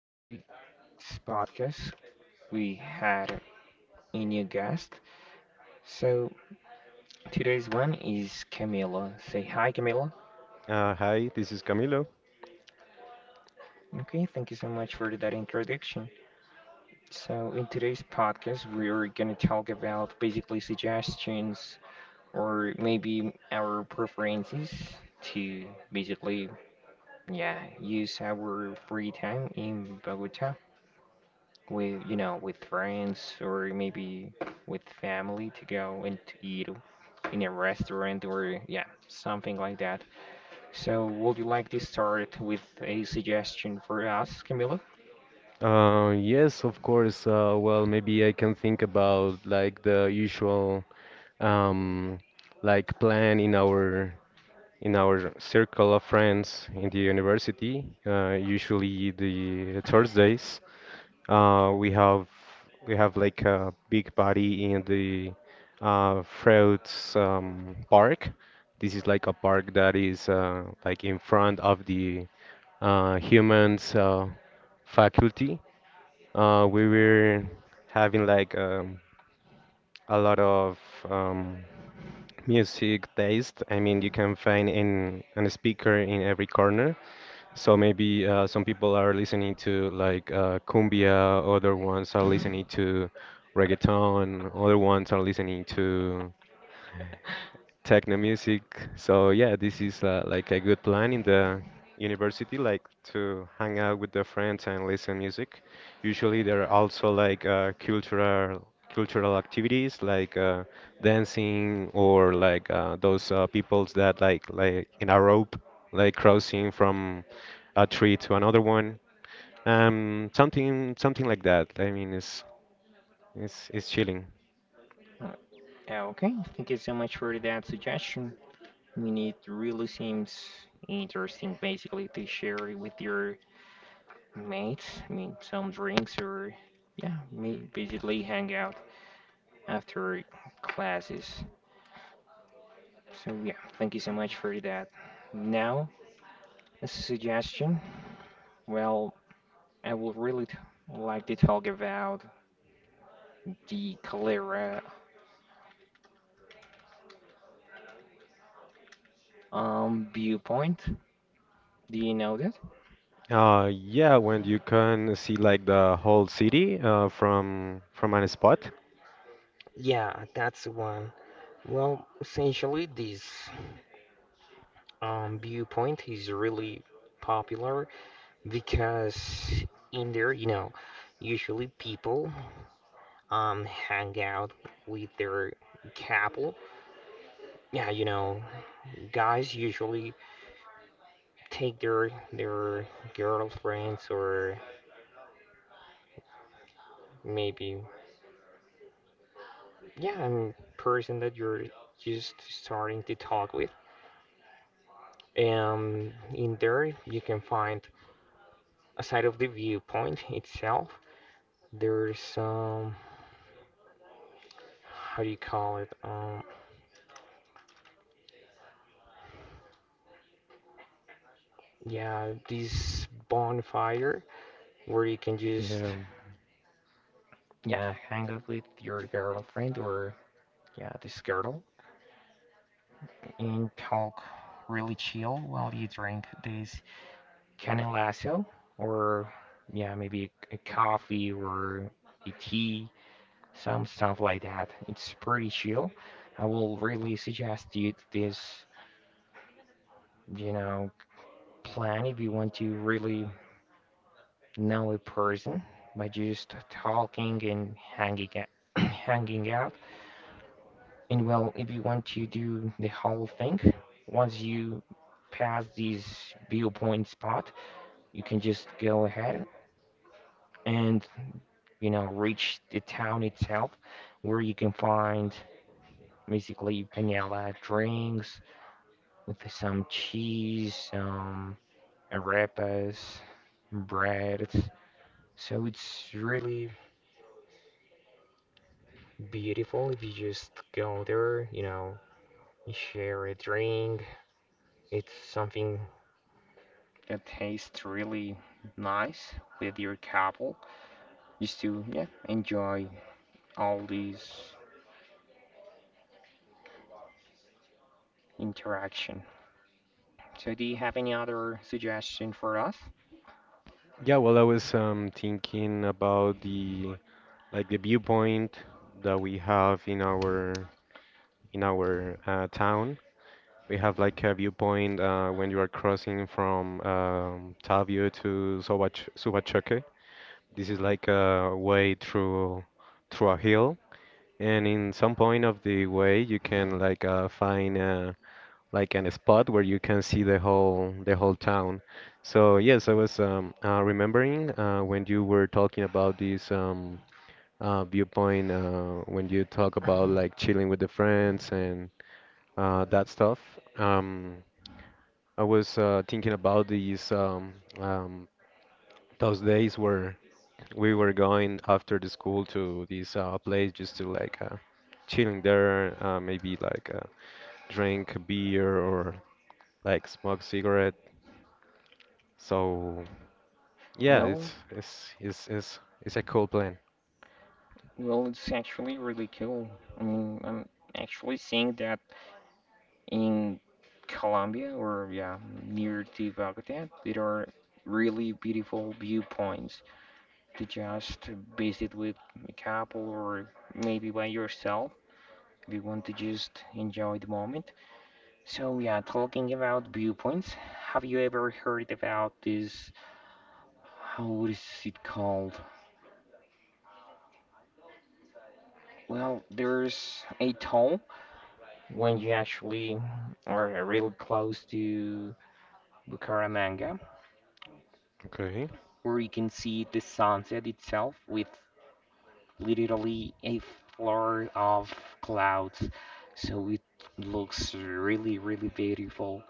In today's podcast, we had a new guest. So today's one is Camila. Say hi, Camila. Hi, this is Camilo. Okay, thank you so much for that introduction. So in today's podcast, we're gonna talk about basically suggestions or maybe our preferences to basically, yeah, use our free time in Bogota with with friends or maybe with family to go and to eat in a restaurant or yeah something like that, so would you like to start with a suggestion for us, camilo? Yes, of course. Well, maybe I can think about like the usual um, like plan in our circle of friends in the university. Usually the Thursdays, uh, we have we have like a big party in the Fruits Park. This is like a park that is like in front of the humans. Faculty, we were having like a lot of um, music taste. I mean, you can find in an speaker in every corner. So maybe some people are listening to like cumbia, other ones are listening to reggaeton, other ones are listening to techno music. So yeah, this is like a good plan in the university, like to hang out with the friends and listen music. Usually there are also like cultural activities like dancing or like those peoples that like in a rope, like crossing from a tree to another one. Something like that. I mean, it's chilling. Uh, okay thank you so much for that suggestion. I mean it really seems interesting, basically to share it with your mates, I mean some drinks or yeah may basically hang out after classes. So yeah, thank you so much for that. Now, as a suggestion, well, I would really like to talk about the cholera viewpoint. Do you know that? Yeah, when you can see like the whole city from any spot. Yeah, that's the one. Well, essentially, this viewpoint is really popular because in there, usually people hang out with their couple. Yeah, you know, guys usually take their girlfriends or maybe yeah, a person that you're just starting to talk with. In there you can find a side of the viewpoint itself, there's how do you call it? Yeah, this bonfire where you can just Yeah. yeah hang out with your girlfriend or yeah this girl and talk really chill while you drink this Canning lasso, or yeah, maybe a coffee or a tea, some stuff like that. It's pretty chill. I will really suggest you this, you know, plan if you want to really know a person by just talking and hanging out, hanging out. And well, if you want to do the whole thing, once you pass this viewpoint spot, you can just go ahead and, you know, reach the town itself, where you can find basically panela drinks with some cheese, arepas, bread. So it's really beautiful if you just go there, you know, share a drink. It's something that tastes really nice with your couple, just to, yeah, enjoy all these interaction. So do you have any other suggestion for us? Yeah, well, I was thinking about the like the viewpoint that we have in our in our town. We have like a viewpoint when you are crossing from Tavio to Sobach Subachoque. This is like a way through a hill, and in some point of the way you can like find. Like an spot where you can see the whole town. So yes, I was remembering when you were talking about this viewpoint when you talk about like chilling with the friends and that stuff. Um, I was thinking about these um, those days where we were going after the school to this place just to like chilling there, maybe like drink beer or like smoke cigarettes. So yeah, it's Well, it's it's it's it's a cool plan. well, it's actually really cool. I mean, I'm actually seeing that in Colombia or yeah, near to Bogota, there are really beautiful viewpoints to just visit with a couple or maybe by yourself if you want to just enjoy the moment. So yeah, talking about viewpoints, have you ever heard about this? How is it called? Well, there's a toll when you actually are really close to Bucaramanga, Okay. where you can see the sunset itself with literally a floor of clouds. So it looks really, really beautiful.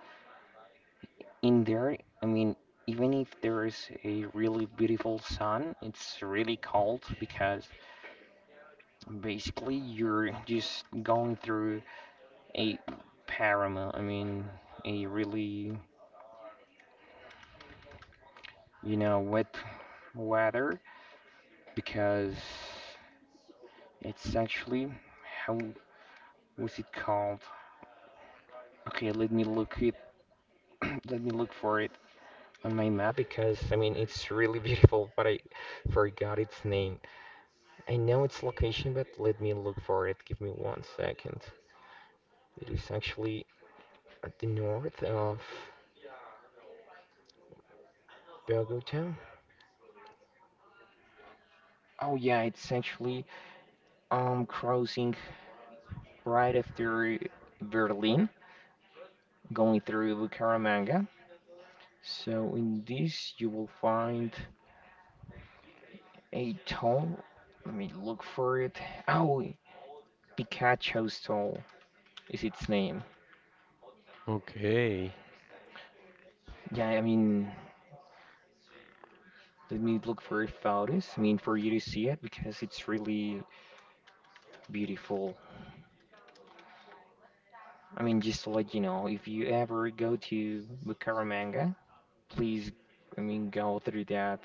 In there, I mean, even if there is a really beautiful sun, it's really cold because basically you're just going through a paramo, I mean, a really, you know, wet weather because it's actually how was it called? Okay, let me look it. Let me look for it on my map because I mean it's really beautiful, but I forgot its name. I know its location, but let me look for it. Give me one second. It is actually at the north of Bogota. Oh yeah, it's actually crossing right after Berlin, going through Bucaramanga. So in this you will find a toll? Let me look for it. Oh, Pikachu's toll is its name. Okay. Yeah, I mean, let me look for photos. I mean, for you to see it because it's really beautiful. I mean, just to let you know, if you ever go to Bucaramanga, please, I mean, go through that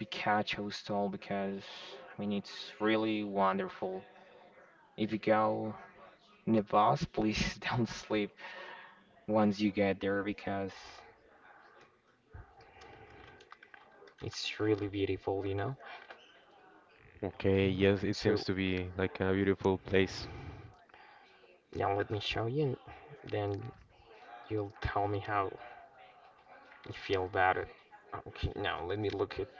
Pikachu's toll because, I mean, it's really wonderful. If you go in the bus, please don't sleep once you get there because it's really beautiful, you know? Okay. Yes, it seems So to be like a beautiful place. yeah, let me show you, and then you'll tell me how you feel about it. Okay, now let me look it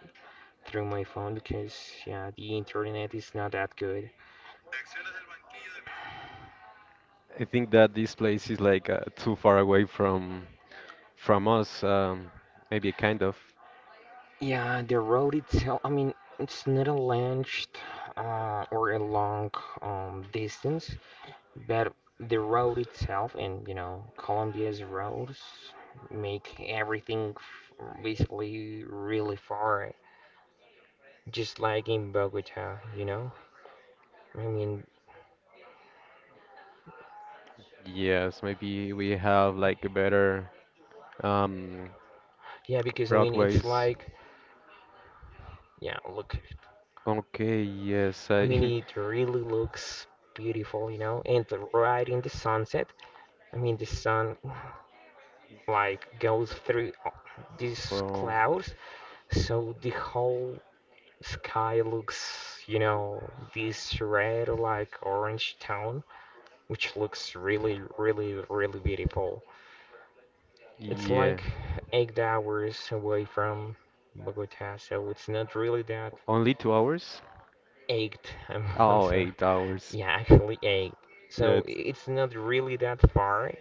through my phone because yeah, the internet is not that good. I think that this place is like too far away from us. Maybe kind of. Yeah, the road itself, I mean, it's not a launched or a long distance, but the road itself and you know Colombia's roads make everything f basically really far, just like in Bogota, you know. I mean, Yes, maybe we have like a better um yeah, because I mean, it's roadways. like, yeah, look, Okay. Yes. I mean, I. it really looks beautiful, you know, and right in the sunset, I mean, the sun like goes through these Well. clouds, so the whole sky looks, you know, this red, like orange tone, which looks really, really, really beautiful. It's Yeah. like 8 hours away from Bogota, so it's not really that Only 2 hours? eight. I'm, I'm Oh, sorry. 8 hours. Yeah, actually eight. Yeah. So It's, it's not really that far,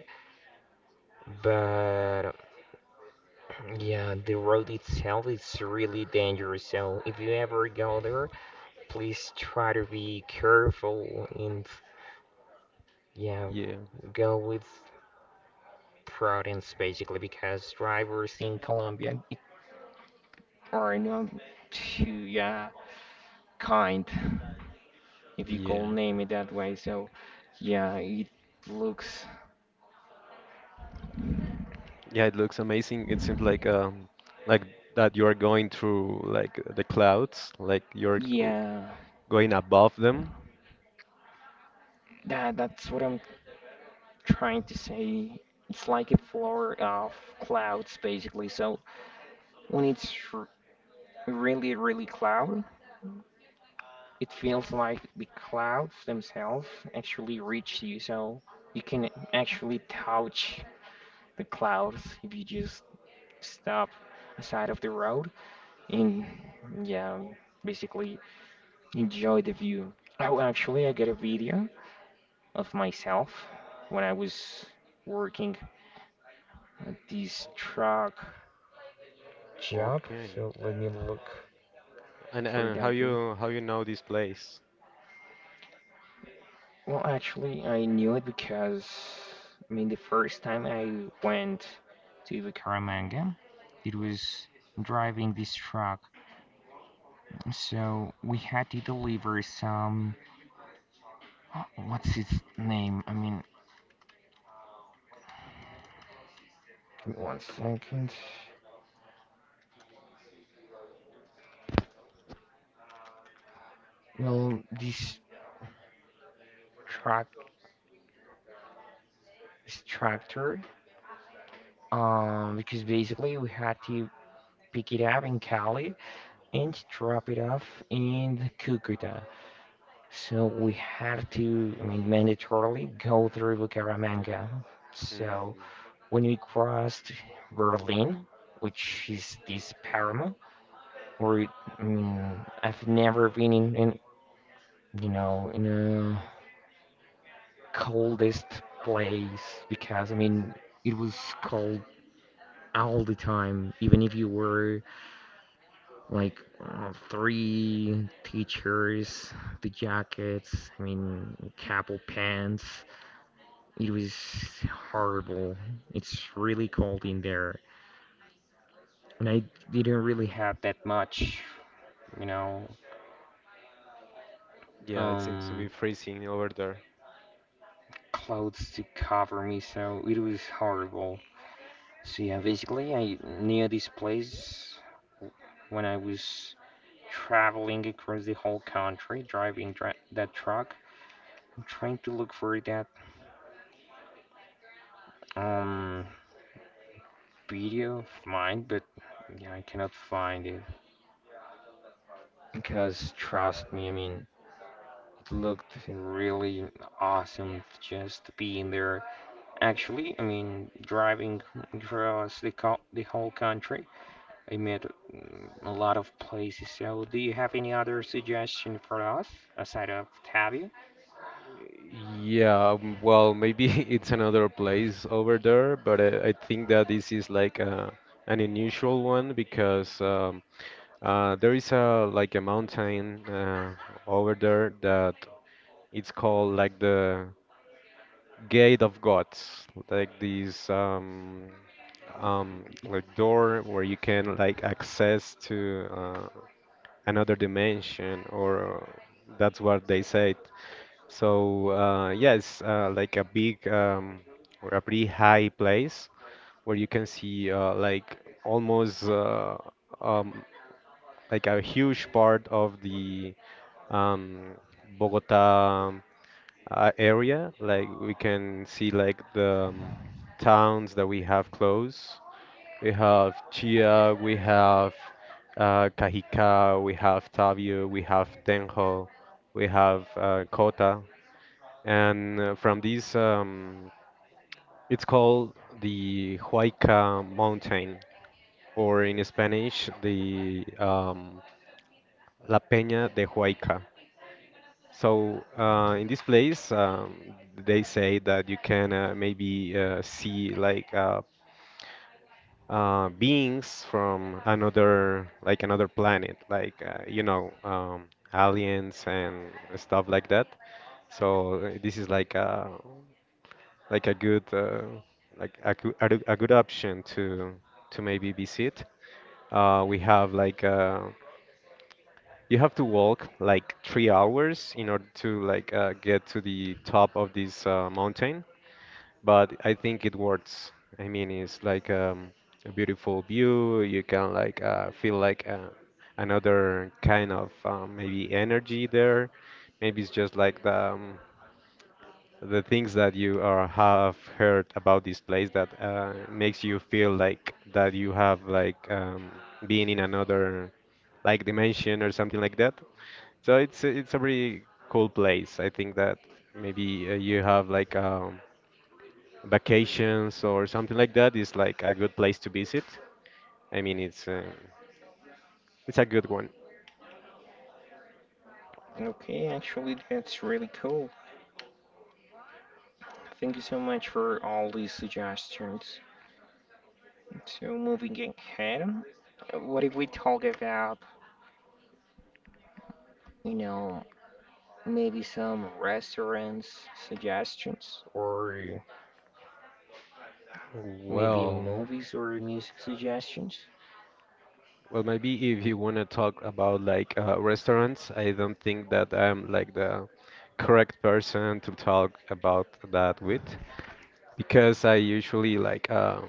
but yeah, the road itself is really dangerous. So if you ever go there, please try to be careful and yeah, yeah. go with prudence basically because drivers in Colombia are not too yeah kind, if you can Yeah. name it that way. So yeah, it looks Yeah, it looks amazing. It seems like that you are going through like the clouds, like yeah, going above them. that's what I'm trying to say, it's like a floor of clouds basically. So when it's really, really cloud, it feels like the clouds themselves actually reach you. So you can actually touch the clouds if you just stop aside of the road and yeah, basically enjoy the view. Oh, actually, I got a video of myself when I was working at this truck job, Okay. so let me look And for how that view. you how you know this place? Well, actually, I knew it because, I mean, the first time I went to Bucaramanga, it was driving this truck. So we had to deliver some, oh, what's its name? I mean, give me one second. Well, this truck, this tractor, because basically we had to pick it up in Cali and drop it off in Cucuta. So we had to, I mean, mandatorily go through Bucaramanga. So Mm. when we crossed Berlin, which is this paramo, where it, I mean, I've never been you know, in a coldest place because, I mean, it was cold all the time, even if you were like three t-shirts, the jackets, I mean, capel pants. It was horrible. It's really cold in there, and I didn't really have that much, you know, Yeah, it seems to um, be freezing over there. clothes to cover me, so it was horrible. So yeah, basically, I knew this place when I was traveling across the whole country, driving dra that truck. I'm trying to look for that um video of mine, but yeah, I cannot find it because trust me, I mean, looked really awesome just being there. Actually, I mean, driving across the whole country, I met a lot of places. So, do you have any other suggestion for us aside of Tabia? Yeah, well, maybe it's another place over there, but I think that this is like an unusual one because there is a like a mountain over there that it's called like the Gate of Gods, like this like door where you can like access to another dimension, or that's what they said. So yes, like a big or a pretty high place where you can see like almost um, like a huge part of the um, Bogota area. Like we can see like the towns that we have close. We have Chia, we have Cajica, we have Tavio, we have Tenjo, we have Cota. And from these, it's called the Huayca Mountain, or in Spanish, the La Peña de Huayca. So in this place, they say that you can maybe see like beings from another, like another planet, like you know, aliens and stuff like that. So this is like a good like a good option to maybe visit. We have like You have to walk like 3 hours in order to like get to the top of this mountain, but I think it works. I mean, it's like a beautiful view. You can like feel like another kind of maybe energy there. Maybe it's just like the things that you are have heard about this place that makes you feel like that you have like being in another like dimension or something like that. So it's a really cool place. I think that maybe you have like vacations or something like that is like a good place to visit. I mean, it's a good one. Okay, actually, that's really cool. Thank you so much for all these suggestions. So, moving ahead, what if we talk about, you know, maybe some restaurants suggestions or maybe Well, movies or music suggestions? well, maybe if you want to talk about like restaurants, I don't think that I'm like the correct person to talk about that with because I usually like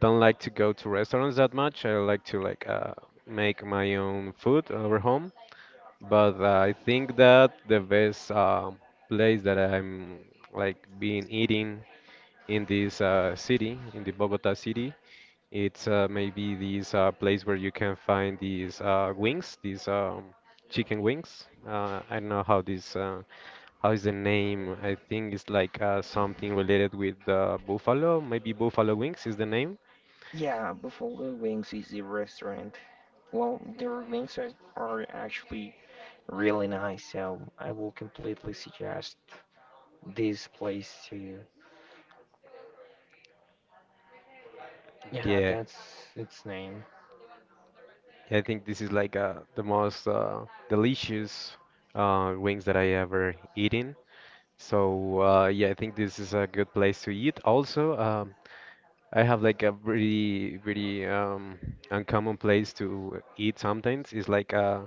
don't like to go to restaurants that much. I like to like make my own food over home. But I think that the best place that I'm like been eating in this city, in the Bogota city, it's maybe this place where you can find these wings, these chicken wings. I don't know how this how is the name. I think it's like something related with buffalo. Maybe buffalo wings is the name. Yeah, Buffalo Wings is the restaurant. Well, their wings are actually really nice, so I will completely suggest this place to you. Yeah, Yeah, that's its name. I think this is like the most delicious wings that I ever eaten. So yeah, I think this is a good place to eat. Also, I have like a really, really uncommon place to eat sometimes. It's like uh,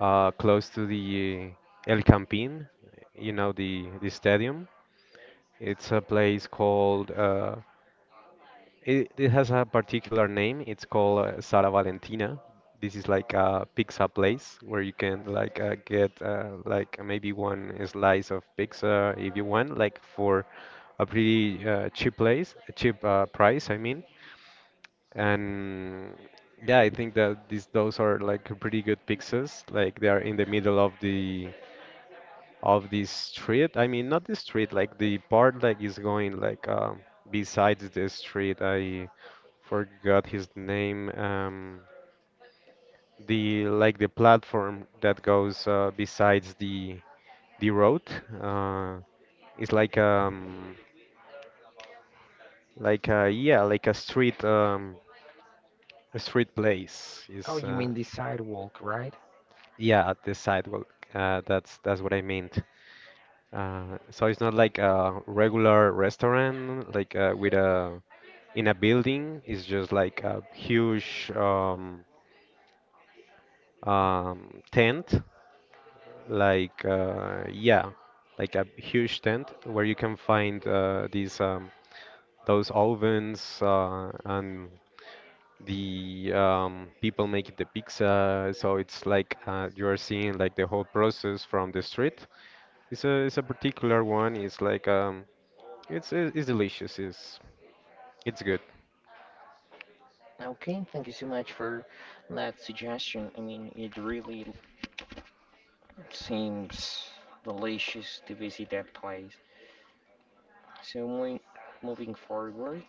uh, close to the El Campín, you know, the stadium. It's a place called it has a particular name. It's called Sara Valentina. This is like a pizza place where you can like get like maybe one slice of pizza if you want, like for a pretty cheap place, a cheap price, I mean. And yeah, I think that these those are like pretty good pizzas. Like they are in the middle of the street. I mean, not the street, like the part like is going like besides the street. I forgot his name. The like the platform that goes besides the road. Uh, it's like a yeah like a street, a street place Oh, is you mean the sidewalk, right? yeah at the sidewalk. That's what I meant. So it's not like a regular restaurant, like with a in a building, it's just like a huge tent, like yeah, like a huge tent where you can find these those ovens and the people making the pizza. So it's like you are seeing like the whole process from the street. It's a particular one. It's like it's delicious. It's good. Okay, thank you so much for that suggestion. I mean, it really seems delicious to visit that place. So, moving forward,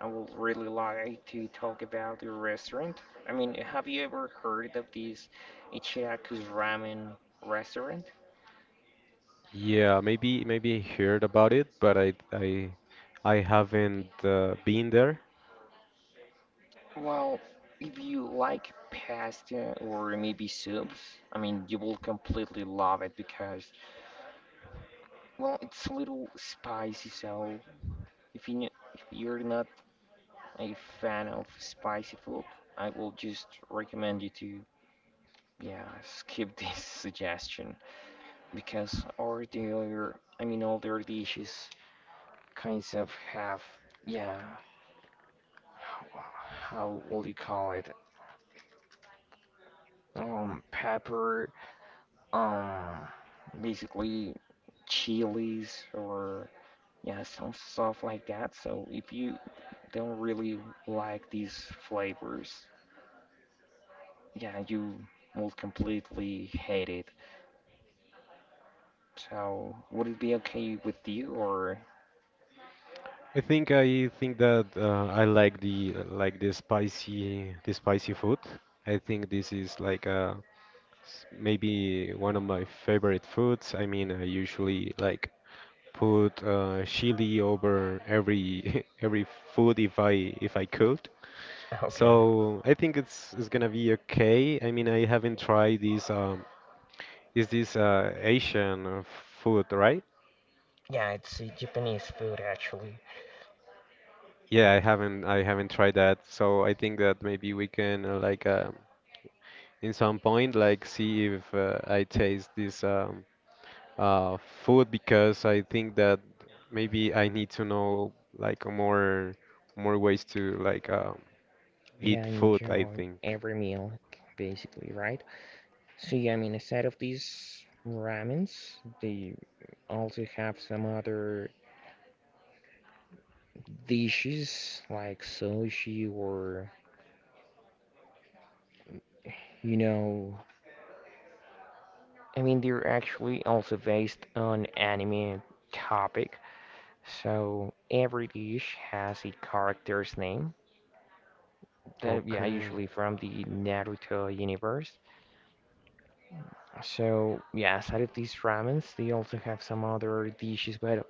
I would really like to talk about the restaurant. I mean, have you ever heard of this Ichiraku's ramen restaurant? Yeah, maybe I heard about it, but I haven't been there. Well, if you like pasta or maybe soups, I mean, you will completely love it because, well, it's a little spicy. So if you if you're not a fan of spicy food, I will just recommend you to yeah skip this suggestion because all the other, I mean, all their dishes kinds of have yeah how would you call it pepper, um basically chilies or yeah some stuff like that, so if you don't really like these flavors, yeah you will completely hate it. So would it be okay with you or I think that I like the spicy food. I think this is like maybe one of my favorite foods. I mean, I usually like put chili over every every food if I could. okay So I think it's gonna be okay. I mean, I haven't tried this. Is this Asian food, right? yeah it's Japanese food actually. Yeah, I haven't tried that, so I think that maybe we can like in some point like see if I taste this uh, food because I think that maybe I need to know like more ways to like Yeah, eat food, I enjoy think. every meal basically, right? So yeah, I mean, aside of these ramens, they also have some other dishes like sushi or, you know, I mean, they're actually also based on anime topic. So every dish has a character's name that, yeah, Okay, usually from the Naruto universe. So yeah, aside of these ramens, they also have some other dishes, but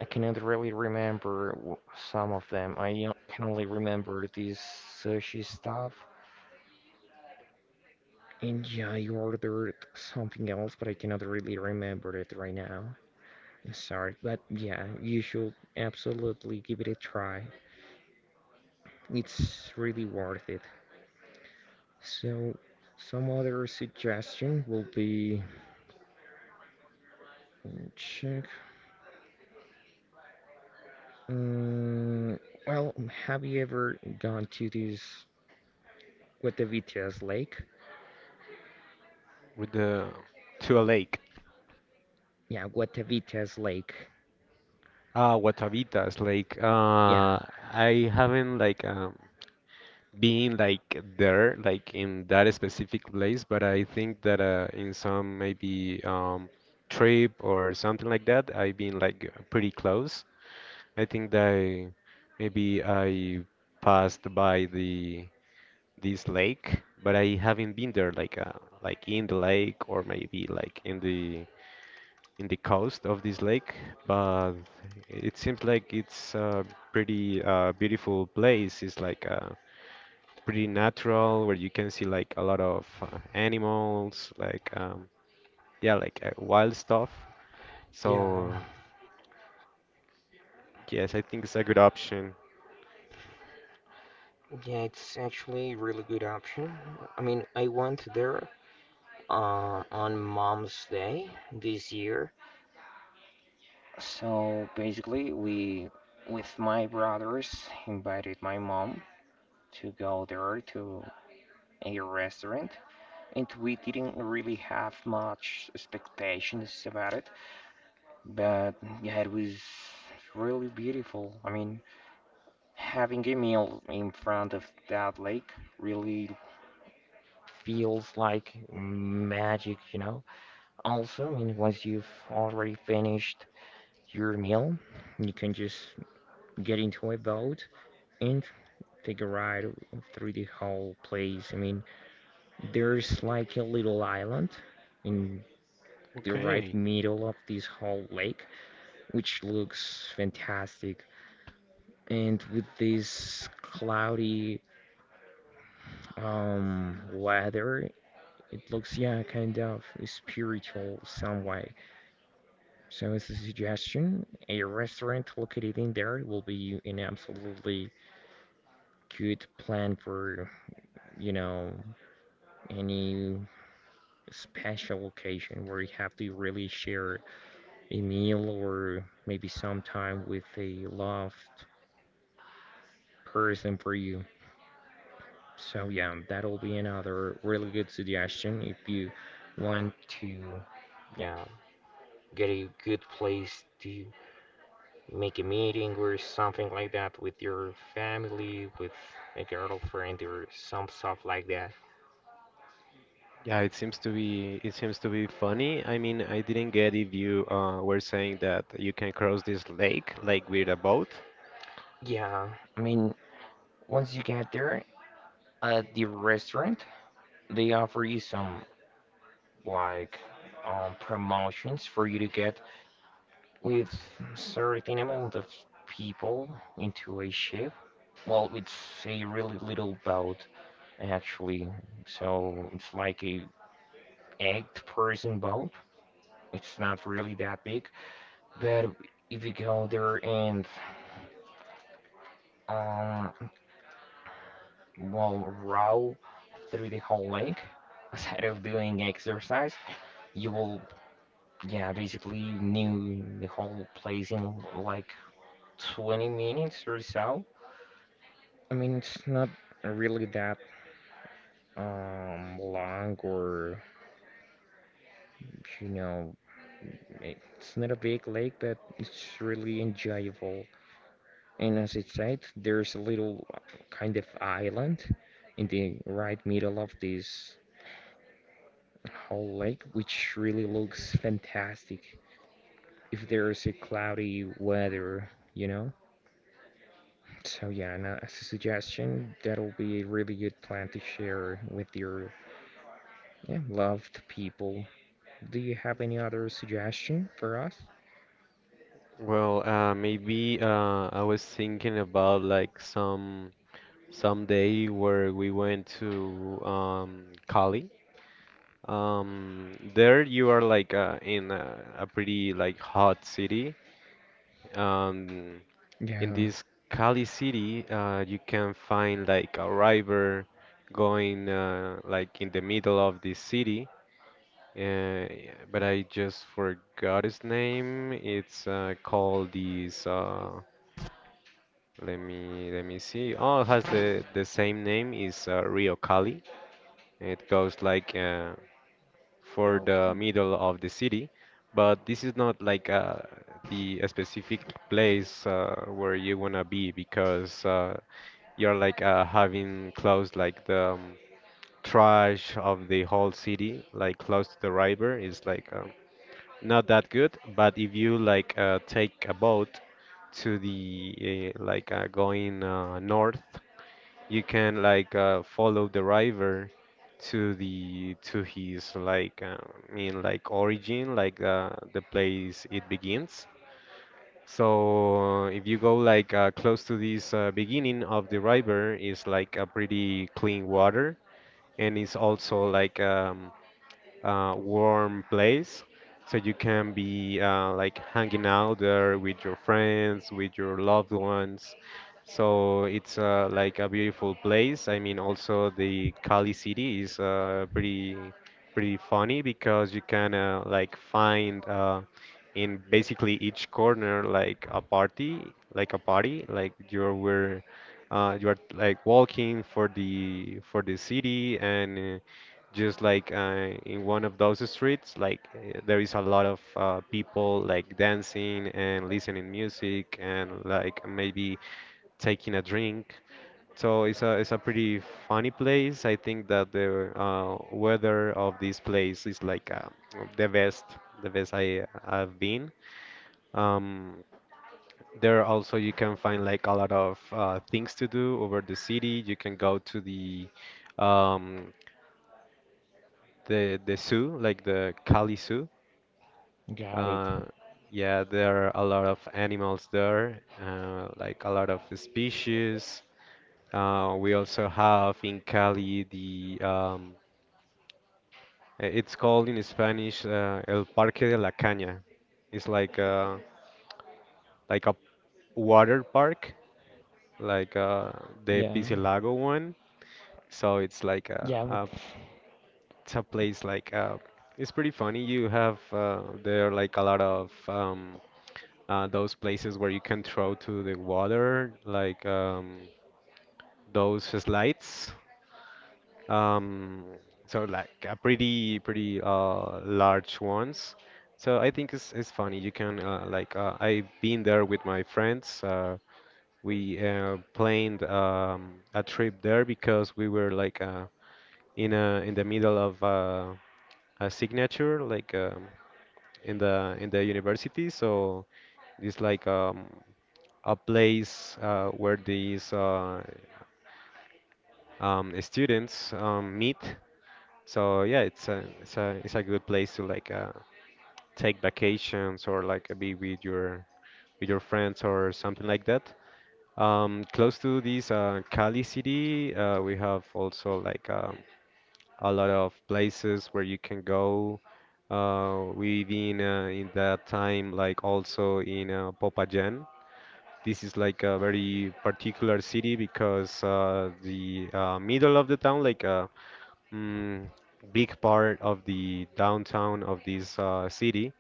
I cannot really remember some of them. I can only remember this sushi stuff, and yeah, I ordered something else, but I cannot really remember it right now. I'm sorry, but yeah, you should absolutely give it a try. It's really worth it. So, some other suggestion will be check. Mm, well, have you ever gone to this Guatavitas Lake? with the to a lake. Yeah, Guatavitas Lake. Ah, Guatavitas Lake. Yeah, I haven't like being like there, like in that specific place, but I think that in some maybe trip or something like that, I've been like pretty close. I think that maybe I passed by the this lake, but I haven't been there like in the lake or maybe like in the coast of this lake, but it seems like it's a pretty beautiful place. It's like pretty natural where you can see like a lot of animals, like yeah, like wild stuff. Yeah, So yes, I think it's a good option. yeah, it's actually a really good option. I mean, I went there on Mom's Day this year. So basically, we, with my brothers, invited my mom to go there to a restaurant. And we didn't really have much expectations about it, but yeah, it was really beautiful. I mean, having a meal in front of that lake really feels like magic, you know. Also, I mean, once you've already finished your meal, you can just get into a boat and take a ride through the whole place. I mean, there's like a little island in the right Okay. middle of this whole lake, which looks fantastic. And with this cloudy weather, it looks, yeah, kind of spiritual some way. So as a suggestion, a restaurant located in there will be an absolutely good plan for, you know, any special occasion where you have to really share a meal or maybe some time with a loved person for you. So yeah, that'll be another really good suggestion if you want to, yeah, get a good place to make a meeting or something like that with your family, with a girlfriend or some stuff like that. Yeah, it seems to be funny. I mean, I didn't get if you were saying that you can cross this lake like with a boat. Yeah, I mean, once you get there at the restaurant, they offer you some like promotions for you to get with certain amount of people into a ship. Well, it's a really little boat actually, so it's like a eight-person boat. It's not really that big, but if you go there and, um, well, row through the whole lake, instead of doing exercise, you will, yeah, basically knew the whole place in like 20 minutes or so. I mean, it's not really that long or you know, it's not a big lake, but it's really enjoyable. And as it said, there's a little kind of island in the right middle of this whole lake, which really looks fantastic if there's a cloudy weather, you know? So yeah, and as a suggestion, that'll be a really good plan to share with your, yeah, loved people. Do you have any other suggestion for us? Well, maybe I was thinking about like some day where we went to Cali. There you are like in a pretty like hot city. Um, in Yeah, this Cali city, you can find like a river going like in the middle of the city. Yeah, but I just forgot his name. It's called this. Let me see. Oh, it has the same name. Is Rio Cali. It goes for the okay, middle of the city, but this is not the specific place where you wanna be because you're having close like the trash of the whole city, like close to the river is like not that good. But if you take a boat to the going north, you can follow the river to his I mean like origin, like the place it begins. So if you go close to this beginning of the river, is like a pretty clean water, and it's also like warm place. So you can be like hanging out there with your friends, with your loved ones. So it's like a beautiful place. I mean, also the Cali city is pretty funny because you can like find in basically each corner like a party like you're where you are like walking for the city and just in one of those streets there is a lot of people like dancing and listening music and like maybe taking a drink, so it's a pretty funny place. I think that the weather of this place is the best, the best I've been. um, there also you can find like a lot of things to do over the city. You can go to um, the zoo, like the Cali Zoo. got it. Uh, yeah, there are a lot of animals there, like a lot of species. We also have in Cali the it's called in Spanish El Parque de la Caña. It's like a water park, like uh, the Yeah, Pisilago one. So it's like a, yeah, but it's a place it's pretty funny. You have there like a lot of those places where you can throw to the water, like those slides. Um, so like a pretty large ones. So I think it's funny. You can I've been there with my friends. We planned a trip there because we were in a in the middle of a signature in the university. So it's like a place where these students meet. So yeah, it's a good place to take vacations or like be with your friends or something like that. Close to this Cali city, we have also a lot of places where you can go. We've been in that time like also in Popayan. This is like a very particular city because the middle of the town, mm, big part of the downtown of this city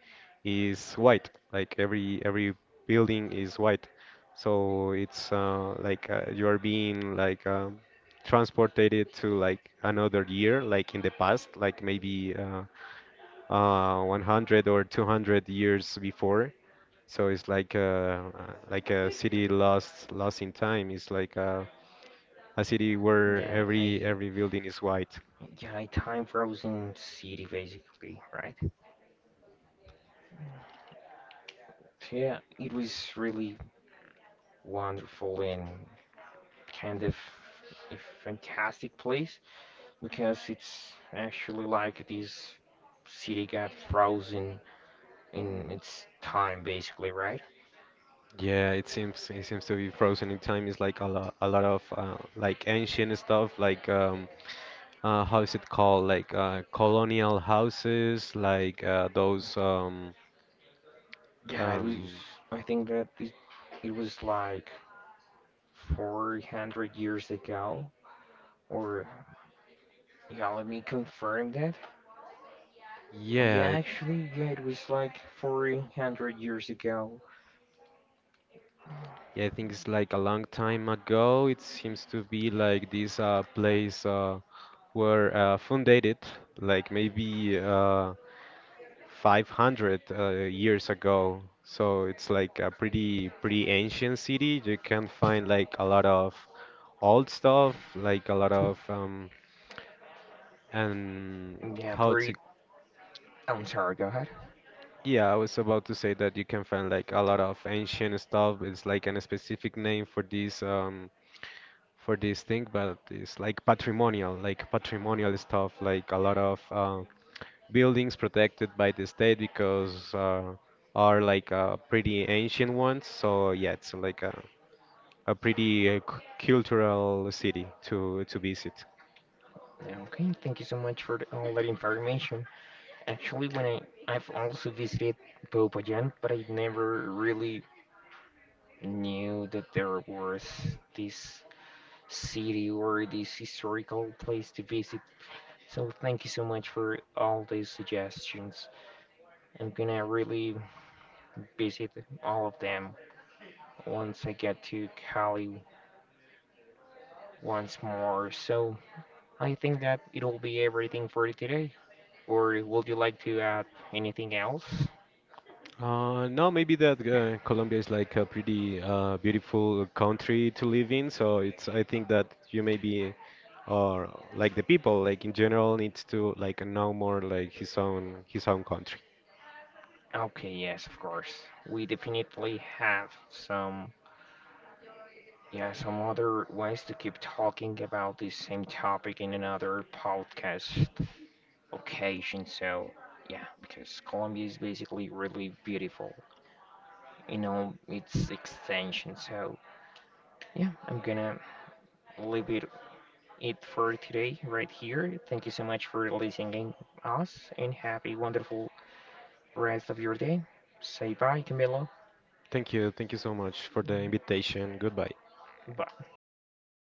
is white. Like every building is white, so it's you are being like transported to like another year, like in the past, like maybe 100 or 200 years before. So it's like a city lost in time. It's like a city where yeah, every I. every building is white. Yeah, a time frozen city basically, right? Yeah, it was really wonderful and kind of a fantastic place because it's actually like this city got frozen in its time basically, right? Yeah, it seems to be frozen in time. It's like a lot of like ancient stuff, like how is it called? Colonial houses, those Yeah, it was. um I think that it was like 400 years ago or, yeah, let me confirm that. Oh yeah yeah, actually, yeah, it was like 400 years ago. yeah I think it's like a long time ago. It seems to be like this place were founded like maybe 500 years ago. So it's like a pretty pretty ancient city. You can find like a lot of old stuff, like a lot of and Yeah, how to pretty. I'm sorry, go ahead. yeah, I was about to say that you can find like a lot of ancient stuff. It's like an specific name for this thing, but it's like patrimonial stuff, like a lot of buildings protected by the state because are pretty ancient ones. So yeah, it's like a pretty cultural city to visit. Yeah, okay, thank you so much for the- all that information. Actually, I've also visited Popayan, but I never really knew that there was this city or this historical place to visit. So thank you so much for all these suggestions. I'm gonna really visit all of them once I get to Cali once more. So I think that it'll be everything for today. Or would you like to add anything else? No, maybe that Colombia is like a pretty beautiful country to live in. So it's, I think that you maybe or like the people like in general needs to like know more like his own country. Okay, yes, of course. We definitely have some, yeah, some other ways to keep talking about this same topic in another podcast occasion. So, yeah, because Colombia is basically really beautiful in all its extension. So, yeah, I'm gonna leave it for today right here. Thank you so much for listening us and happy wonderful rest of your day. Say bye, Camilo. Thank you so much for the invitation. Goodbye. Bye.